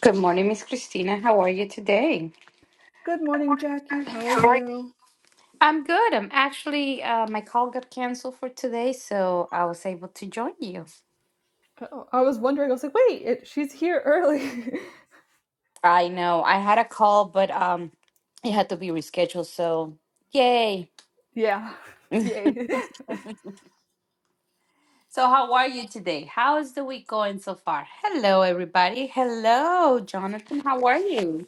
Good morning, Miss Christina. How are you today? Good morning, Jackie. How are How are you? you? I'm good. I'm actually, uh, my call got canceled for today, so I was able to join you. Oh, I was wondering. I was like, wait, it, she's here early. I know I had a call, but um, it had to be rescheduled. So, yay! yeah, yay. So, how are you today? How is the week going so far? Hello, everybody. Hello, Jonathan. How are you?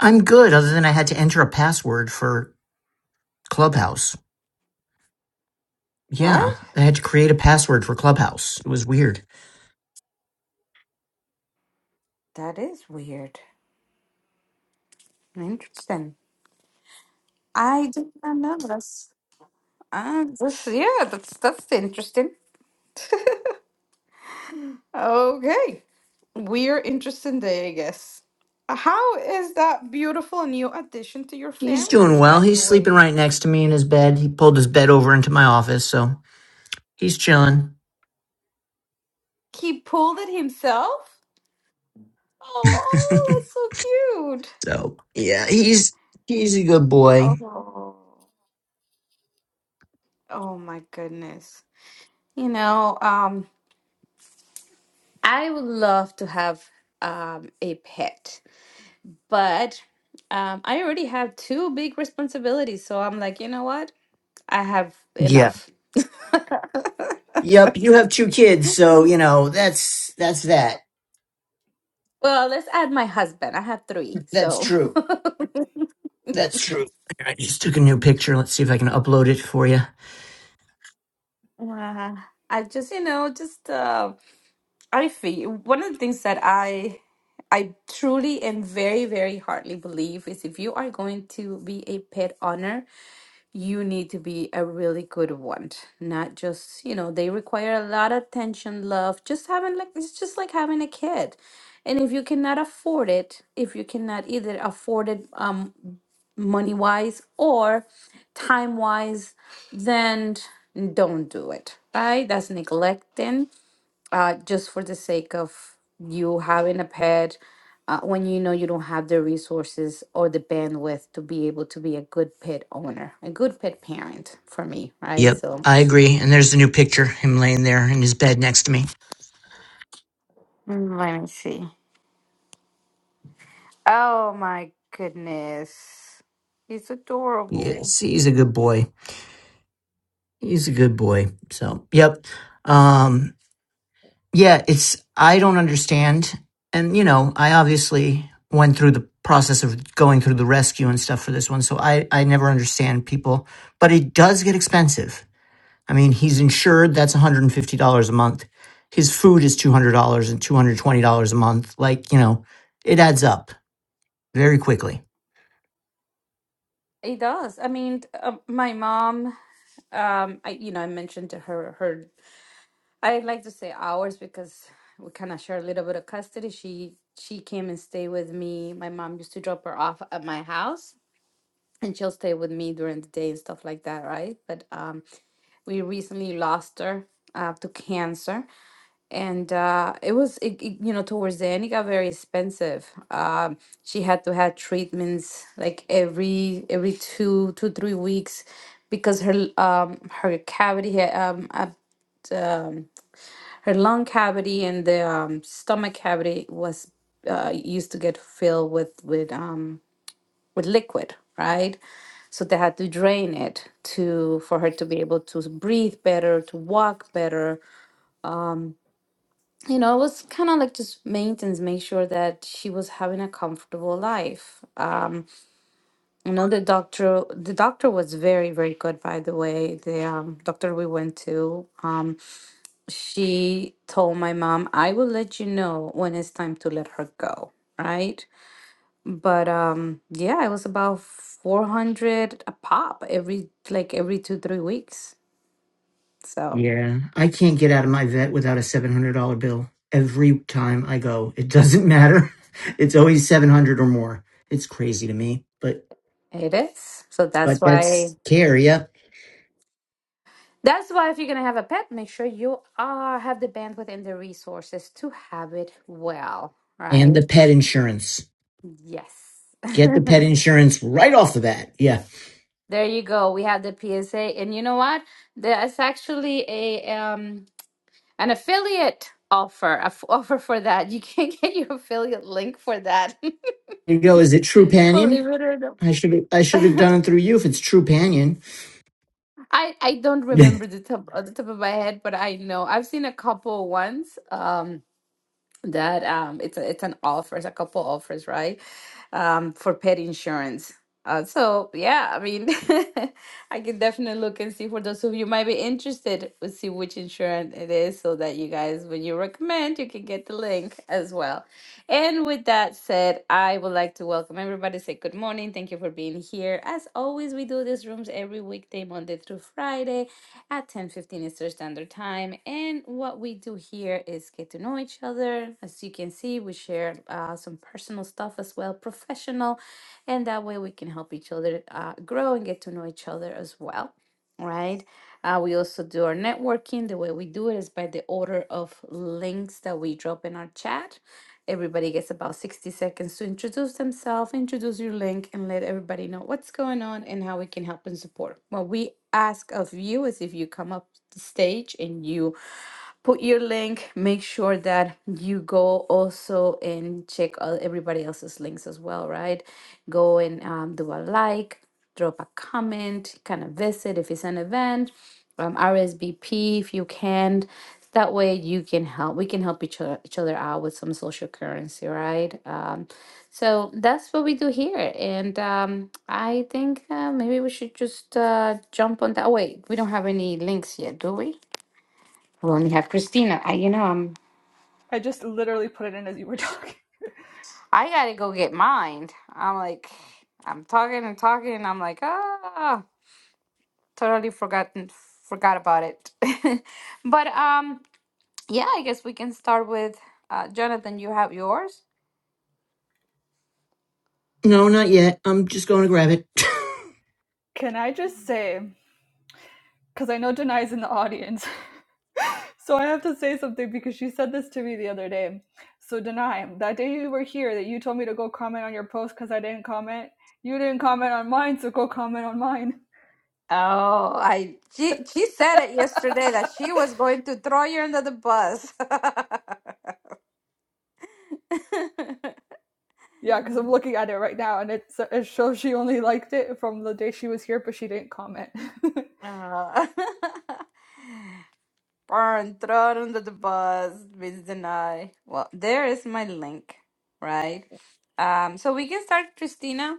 I'm good, other than I had to enter a password for Clubhouse. Yeah, What? I had to create a password for Clubhouse. It was weird. That is weird. Interesting. I did not know this. Uh, this yeah, that's that's interesting. Okay. We're interested day, I guess. How is that beautiful new addition to your He's doing family, well. by the He's sleeping way? right next to me in his bed. He pulled his bed over into my office, so he's chilling. He pulled it himself? Oh, that's so cute. so yeah, he's he's a good boy. Oh. Oh my goodness. You know, um, I would love to have um a pet, but um I already have two big responsibilities, so I'm like, you know what? I have Yeah. enough. Yep. You have two kids, so you know that's that's that. Well, let's add my husband. I have three, That's so true. That's true. I just took a new picture. Let's see if I can upload it for you. Wow. I just, you know, just uh, I feel one of the things that I I truly and very, very heartily believe is if you are going to be a pet owner, you need to be a really good one. Not just, you know, they require a lot of attention, love. Just having like it's just like having a kid. And if you cannot afford it, if you cannot either afford it, um. money wise or time wise, then don't do it, right? That's neglecting uh, just for the sake of you having a pet uh, when you know you don't have the resources or the bandwidth to be able to be a good pet owner, a good pet parent for me, right? Yep, So I agree. And there's the new picture, him laying there in his bed next to me. mm, let me see. Oh my goodness. It's adorable. Yes, he's a good Mm. boy. He's a good boy. So, yep. Um, yeah, it's, I don't understand. And, you know, I obviously went through the process of going through the rescue and stuff for this one. So I, I never understand people, but it does get expensive. I mean, he's insured. That's $150 a month. His food is $200 and $220 a month. Like, you know, it adds up very quickly. It does. I mean, t- uh, my mom Um, I you know I mentioned to her her I like to say ours because we kind of share a little bit of custody. She she came and stayed with me. My mom used to drop her off at my house, and she'll stay with me during the day and stuff like that, right? But um, we recently lost her uh, to cancer, and uh, it was it, it, you know towards the end it got very expensive. Um, she had to have treatments like every every two two three weeks because her um her cavity had um uh, um, her lung cavity and the um, stomach cavity was uh, used to get filled with with um, with liquid, right? So they had to drain it to for her to be able to breathe better, to walk better. You know, it was kind of like just maintenance, make sure that she was having a comfortable life. Um, you know, the doctor, the doctor was very, very good, by the way. The um, doctor we went to. Um, she told my mom, I will let you know when it's time to let her go, right? But um yeah, it was about 400 a pop every like every 2 3 weeks. So, Yeah, I can't get out of my vet without a $700 bill every time I go. It doesn't matter. It's always 700 or more. It's crazy to me, but it is. So that's but that's why care, yeah. that's why if you're going to have a pet, make sure you are have the bandwidth and the resources to have it well, And the right? pet insurance. Yes. Get the pet insurance right off the bat. Yeah. There you go. We have the PSA. And you know what? There's actually a um An affiliate offer, a f- offer for that. You can get your affiliate link for that. There you go. Is it True Believe it or not. I should I should have done it through you if it's True I I don't no, remember the top of the top of my head, but I know I've seen a couple once um that um it's a, it's an offer, it's a couple offers, right? um, for pet insurance. Uh, so yeah, I mean, I can definitely look and see for those of you might be interested, we see which insurance it is, so that you guys, when you recommend, you can get the link as well. And with that said, I would like to welcome everybody. Say good morning. Thank you for being here. As always, we do these rooms every weekday, Monday through Friday at 10:15 Eastern Standard Time. And what we do here is get to know each other. As you can see, we share uh, some personal stuff as well, professional, and that way we can help each other uh, grow and get to know each other as well. Right. Uh, we also do our networking. The way we do it is by the order of links that we drop in our chat Everybody gets about 60 seconds to introduce themselves, introduce your link, and let everybody know what's going on and how we can help and support. What we ask of you is if you come up the stage and you put your link, make sure that you go also and check all, everybody else's links as well, right? Go and um, do a like, drop a comment, kind of visit if it's an event um, RSVP if you can. That way you can help. We can help each other each other out with some social currency, right? Um, so that's what we do here, and um, I think uh, maybe we should just uh, jump on that. Wait, we don't have any links yet, do we? We only have Christina. I, you know, I'm. I just literally put it in as you were talking. I gotta go get mine. I'm like, I'm talking and talking, and I'm like, ah, totally forgotten, forgot about it. but um. Yeah, I guess we can start with uh, Jonathan. You have yours. not yet. I'm just going to grab it. Can I just say, because I know Denai's in the audience, so I have to say something because she said this to me the other day. So, Denai, that day you were here that you told me to go comment on your post because I didn't comment, you didn't comment on mine, so go comment on mine. Oh, I she she said it yesterday that she was going to throw you under the bus. Yeah, because I'm looking at it right now and it's, it shows she only liked it from the day she was here, but she didn't comment. Uh, Burn, thrown under the bus, Miss Denai. Well, there is my link, right? Um, so we can start, Christina.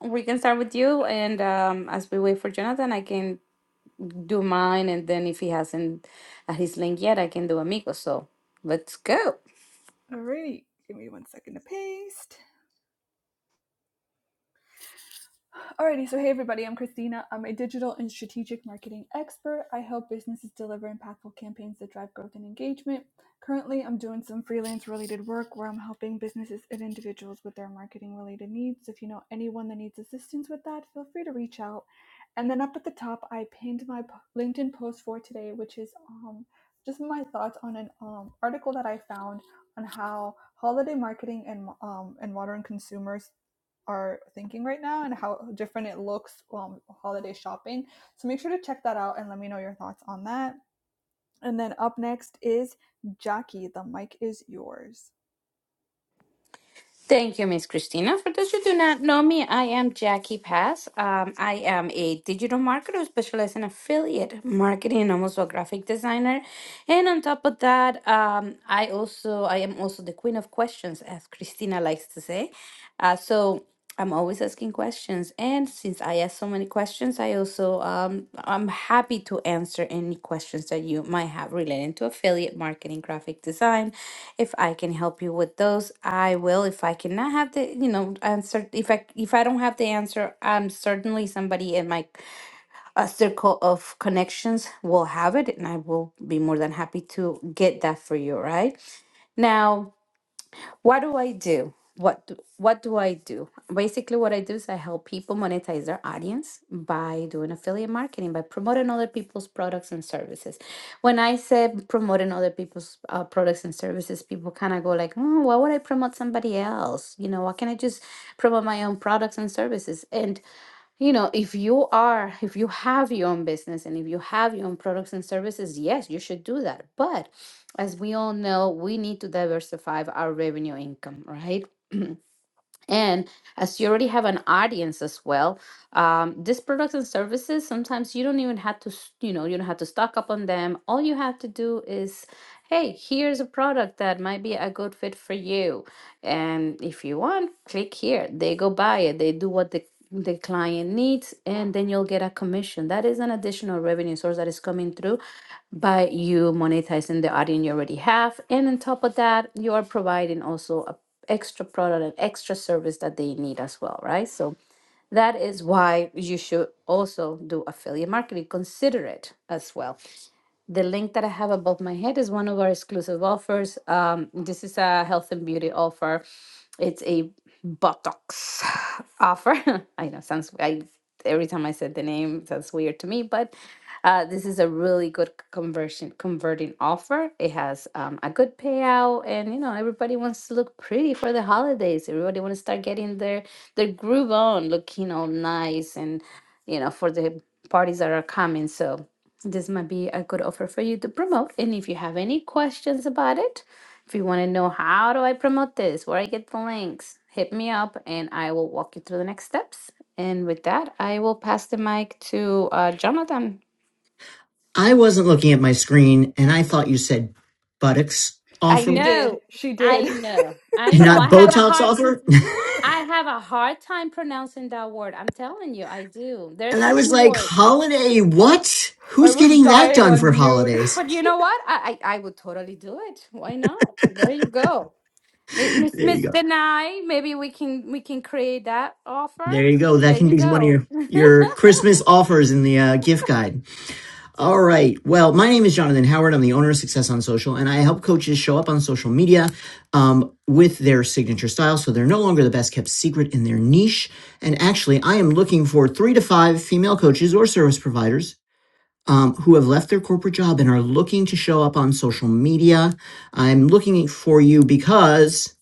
We can start with you, and um, as we wait for Jonathan, I can do mine, and then if he hasn't at his link yet, I can do Amigo. So let's go. Alrighty, give me one second to paste. Alrighty, so hey everybody, I'm Christina. I'm a digital and strategic marketing expert. I help businesses deliver impactful campaigns that drive growth and engagement. Currently, I'm doing some freelance related work where I'm helping businesses and individuals with their marketing related needs. If you know anyone that needs assistance with that, feel free to reach out. And then up at the top, I pinned my LinkedIn post for today, which is um, just my thoughts on an um, article that I found on how holiday marketing and um, and modern consumers are thinking right now and how different it looks um, holiday shopping. So make sure to check that out and let me know your thoughts on that. And then up next is Jackie. The mic is yours. Thank you, Miss Christina. For those who do not know me, I am Jackie Pass. Um, I am a digital marketer who specializes in affiliate marketing and I'm also a graphic designer. And on top of that, um, I also I am also the queen of questions, as Christina likes to say. Uh, so I'm always asking questions, and since I ask so many questions, I also um, I'm happy to answer any questions that you might have relating to affiliate marketing, graphic design, if I can help you with those, I will. If I cannot have the, you know, answer, if I if I don't have the answer, I'm certainly somebody in my uh, circle of connections will have it, and I will be more than happy to get that for you. Right now, what do I do? What do, what do I do? Basically, what I do is I help people monetize their audience by doing affiliate marketing, by promoting other people's products and services. When I say promoting other people's uh, products and services, people kind of go like, "Hmm, "Why would I promote somebody else? You know, why can't I just promote my own products and services?" And you know if you are if you have your own business and if you have your own products and services yes you should do that but as we all know we need to diversify our revenue income right And as you already have an audience as well, um, these products and services, sometimes you don't even have to, s- you know, you don't have to stock up on them. All you have to do is, hey, here's a product that might be a good fit for you. And if you want, click here. They go buy it, they do what the the client needs, and then you'll get a commission. That is an additional revenue source that is coming through by you monetizing the audience you already have. And on top of that, you are providing also a extra product and extra service that they need as well, right? So that is why you should also do affiliate marketing. Consider it as well. The link that I have above my head is one of our exclusive offers. Um, this is a health and beauty offer. It's a Botox offer. I know sounds I every time I said the name it sounds weird to me, but uh, this is a really good conversion converting offer. It has um, a good payout, and you know everybody wants to look pretty for the holidays. Everybody wants to start getting their their groove on, looking all nice, and you know for the parties that are coming. So this might be a good offer for you to promote. And if you have any questions about it, if you want to know how do I promote this, where I get the links, hit me up and I will walk you through the next steps. And with that, I will pass the mic to uh, Jonathan. I wasn't looking at my screen and I thought you said buttocks I She offer, did. know, She I did. know, I know. not I have a Botox hard, time. offer. I have a hard time pronouncing that word. I'm telling you, I do. There are And I was certain like, words, holiday, what? I Who's was getting that dying done on for mute. holidays? but you know what? I, I, I would totally do it. Why not? There you go. Mi- Miss There you Smith go. deny. Maybe we can we can create that offer. There you go. That There can you be one of go. your your Christmas offers in the uh, gift guide. All right. Well, my name is Jonathan Howard. I'm the owner of Success on Social, and I help coaches show up on social media um, with their signature style, so they're no longer the best kept secret in their niche. And actually, I am looking for three to five female coaches or service providers um, who have left their corporate job and are looking to show up on social media. I'm looking for you because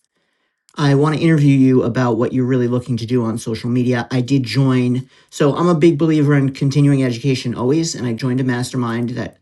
I want to interview you about what you're really looking to do on social media. I did join, so I'm a big believer in continuing education always, and I joined a mastermind that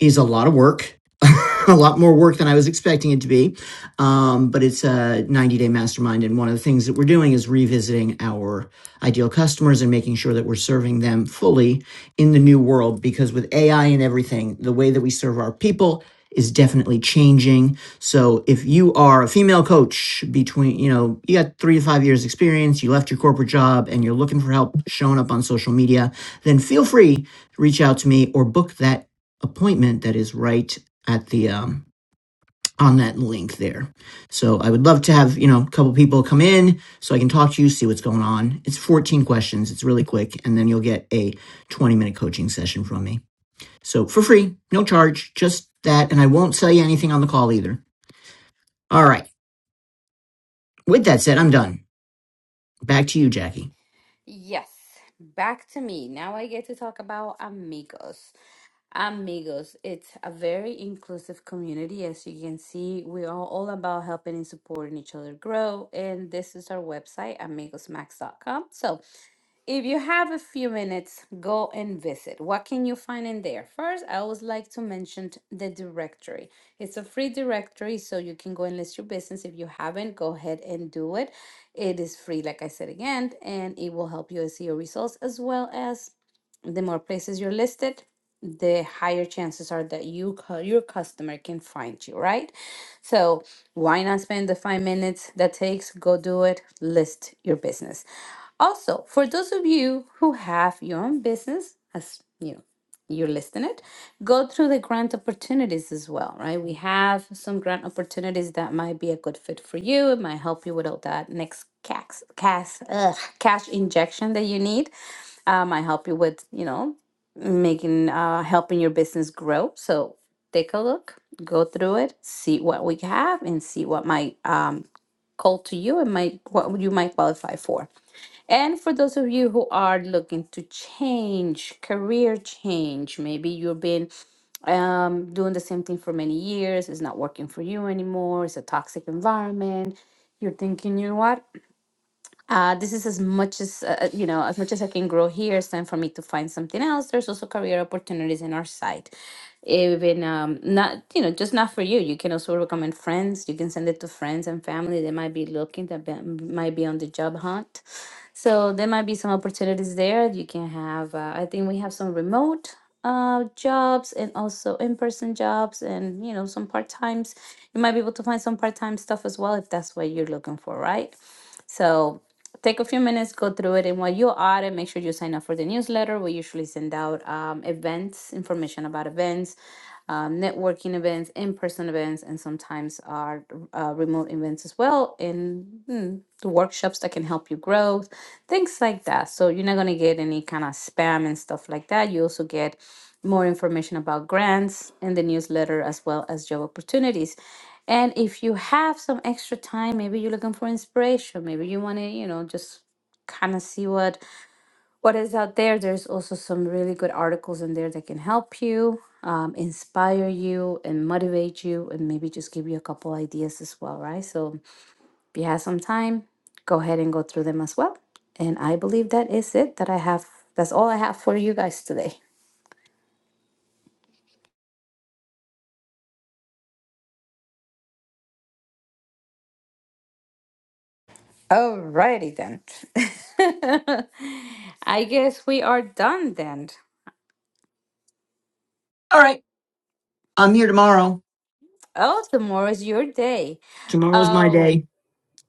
is a lot of work, a lot more work than I was expecting it to be. Um, but it's a 90 day mastermind. And one of the things that we're doing is revisiting our ideal customers and making sure that we're serving them fully in the new world. Because with AI and everything, the way that we serve our people is definitely changing. So if you are a female coach between, you know, you got three to five years experience, you left your corporate job and you're looking for help showing up on social media, then feel free to reach out to me or book that appointment that is right at the um, on that link there. So I would love to have you know a couple people come in so I can talk to you, see what's going on. It's 14 questions. It's really quick, and then you'll get a 20 minute coaching session from me. So for free, no charge, just that, and I won't sell you anything on the call either. All right. With that said, I'm done. Back to you, Jackie. Yes, back to me. Now I get to talk about amigos. Amigos, it's a very inclusive community. As you can see, we are all about helping and supporting each other grow. And this is our website, amigos max dot com. So If you have a few minutes, go and visit. What can you find in there? First, I always like to mention the directory. It's a free directory, so you can go and list your business. If you haven't, go ahead and do it. It is free, like I said again, and it will help you see your results as well as the more places you're listed, the higher chances are that you your customer can find you, right? So why not spend the five minutes that takes? Go do it. List your business. Also, for those of you who have your own business, as you know, you're listing it, go through the grant opportunities as well, right? We have some grant opportunities that might be a good fit for you. It might help you with all that next cash, cash, ugh, cash injection that you need. Um, I help you with, you know, making uh helping your business grow. So take a look, go through it, see what we have and see what might um call to you and might what you might qualify for. And for those of you who are looking to change, career change, maybe you've been um doing the same thing for many years, it's not working for you anymore, it's a toxic environment. You're thinking, you know what? uh, this is as much as uh, uh, you know as much as i can grow here it's time for me to find something else there's also career opportunities in our site even um, not you know just not for you you can also recommend friends you can send it to friends and family they might be looking that be, might be on the job hunt so there might be some opportunities there you can have uh, i think we have some remote uh, jobs and also in-person jobs and you know some part-times you might be able to find some part-time stuff as well if that's what you're looking for right so take a few minutes, go through it, and while you are, and make sure you sign up for the newsletter. We usually send out um, events, information about events, um, networking events, in person events, and sometimes our uh, remote events as well, and mm, the workshops that can help you grow, things like that. So you're not going to get any kind of spam and stuff like that. You also get more information about grants in the newsletter as well as job opportunities. And if you have some extra time, maybe you're looking for inspiration, maybe you want to, you know, just kind of see what what is out there. There's also some really good articles in there that can help you, um, inspire you, and motivate you, and maybe just give you a couple ideas as well, right? So if you have some time, go ahead and go through them as well. And I believe that is it that I have. That's all I have for you guys today. Alrighty then. I guess we are done then. All right. I'm here tomorrow. Oh, tomorrow is your day. Tomorrow's my Oh, day.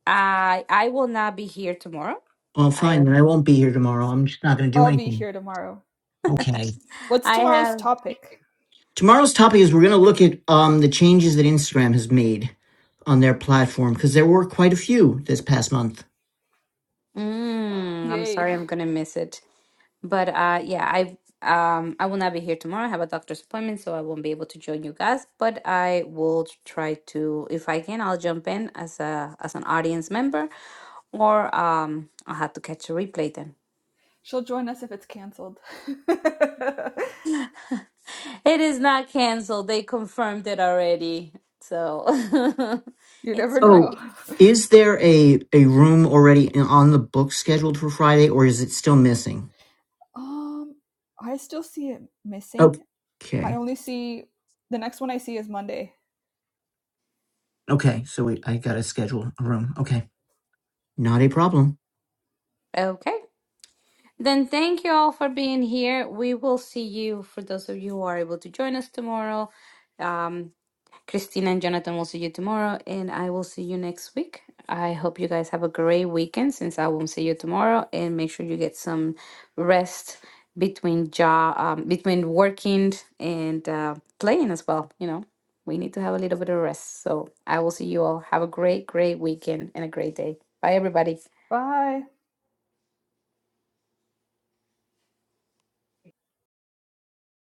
I I will not be here tomorrow. Well, I fine, then I won't be here tomorrow. I'm just not going to do I'll be anything. here tomorrow. Okay. What's I tomorrow's have topic? Tomorrow's topic is we're going to look at um, the changes that Instagram has made on their platform because there were quite a few this past month. Mm, I'm Yay. sorry, I'm gonna miss it. But uh yeah, I um I will not be here tomorrow. I have a doctor's appointment, so I won't be able to join you guys, but I will try to if I can, I'll jump in as a as an audience member or um I'll have to catch a replay then. She'll join us if it's canceled. you It is not canceled. They confirmed it already. So never it's Oh, know. Monday. is there a a room already on the book scheduled for Friday, or is it still missing? Um, I still see it missing. I Okay, only see the next one I see is Monday. okay. So wait, I gotta schedule a room. Okay, not a problem. Okay. Then thank you all for being here. We will see you for those of you who are able to join us tomorrow. Um, Christina and Jonathan will see you tomorrow, and I will see you next week. I hope you guys have a great weekend since I won't see you tomorrow, and make sure you get some rest between job, um, between working and uh, playing as well. You know, we need to have a little bit of rest. So I will see you all. Have a great, great weekend and a great day. Bye, everybody. Bye.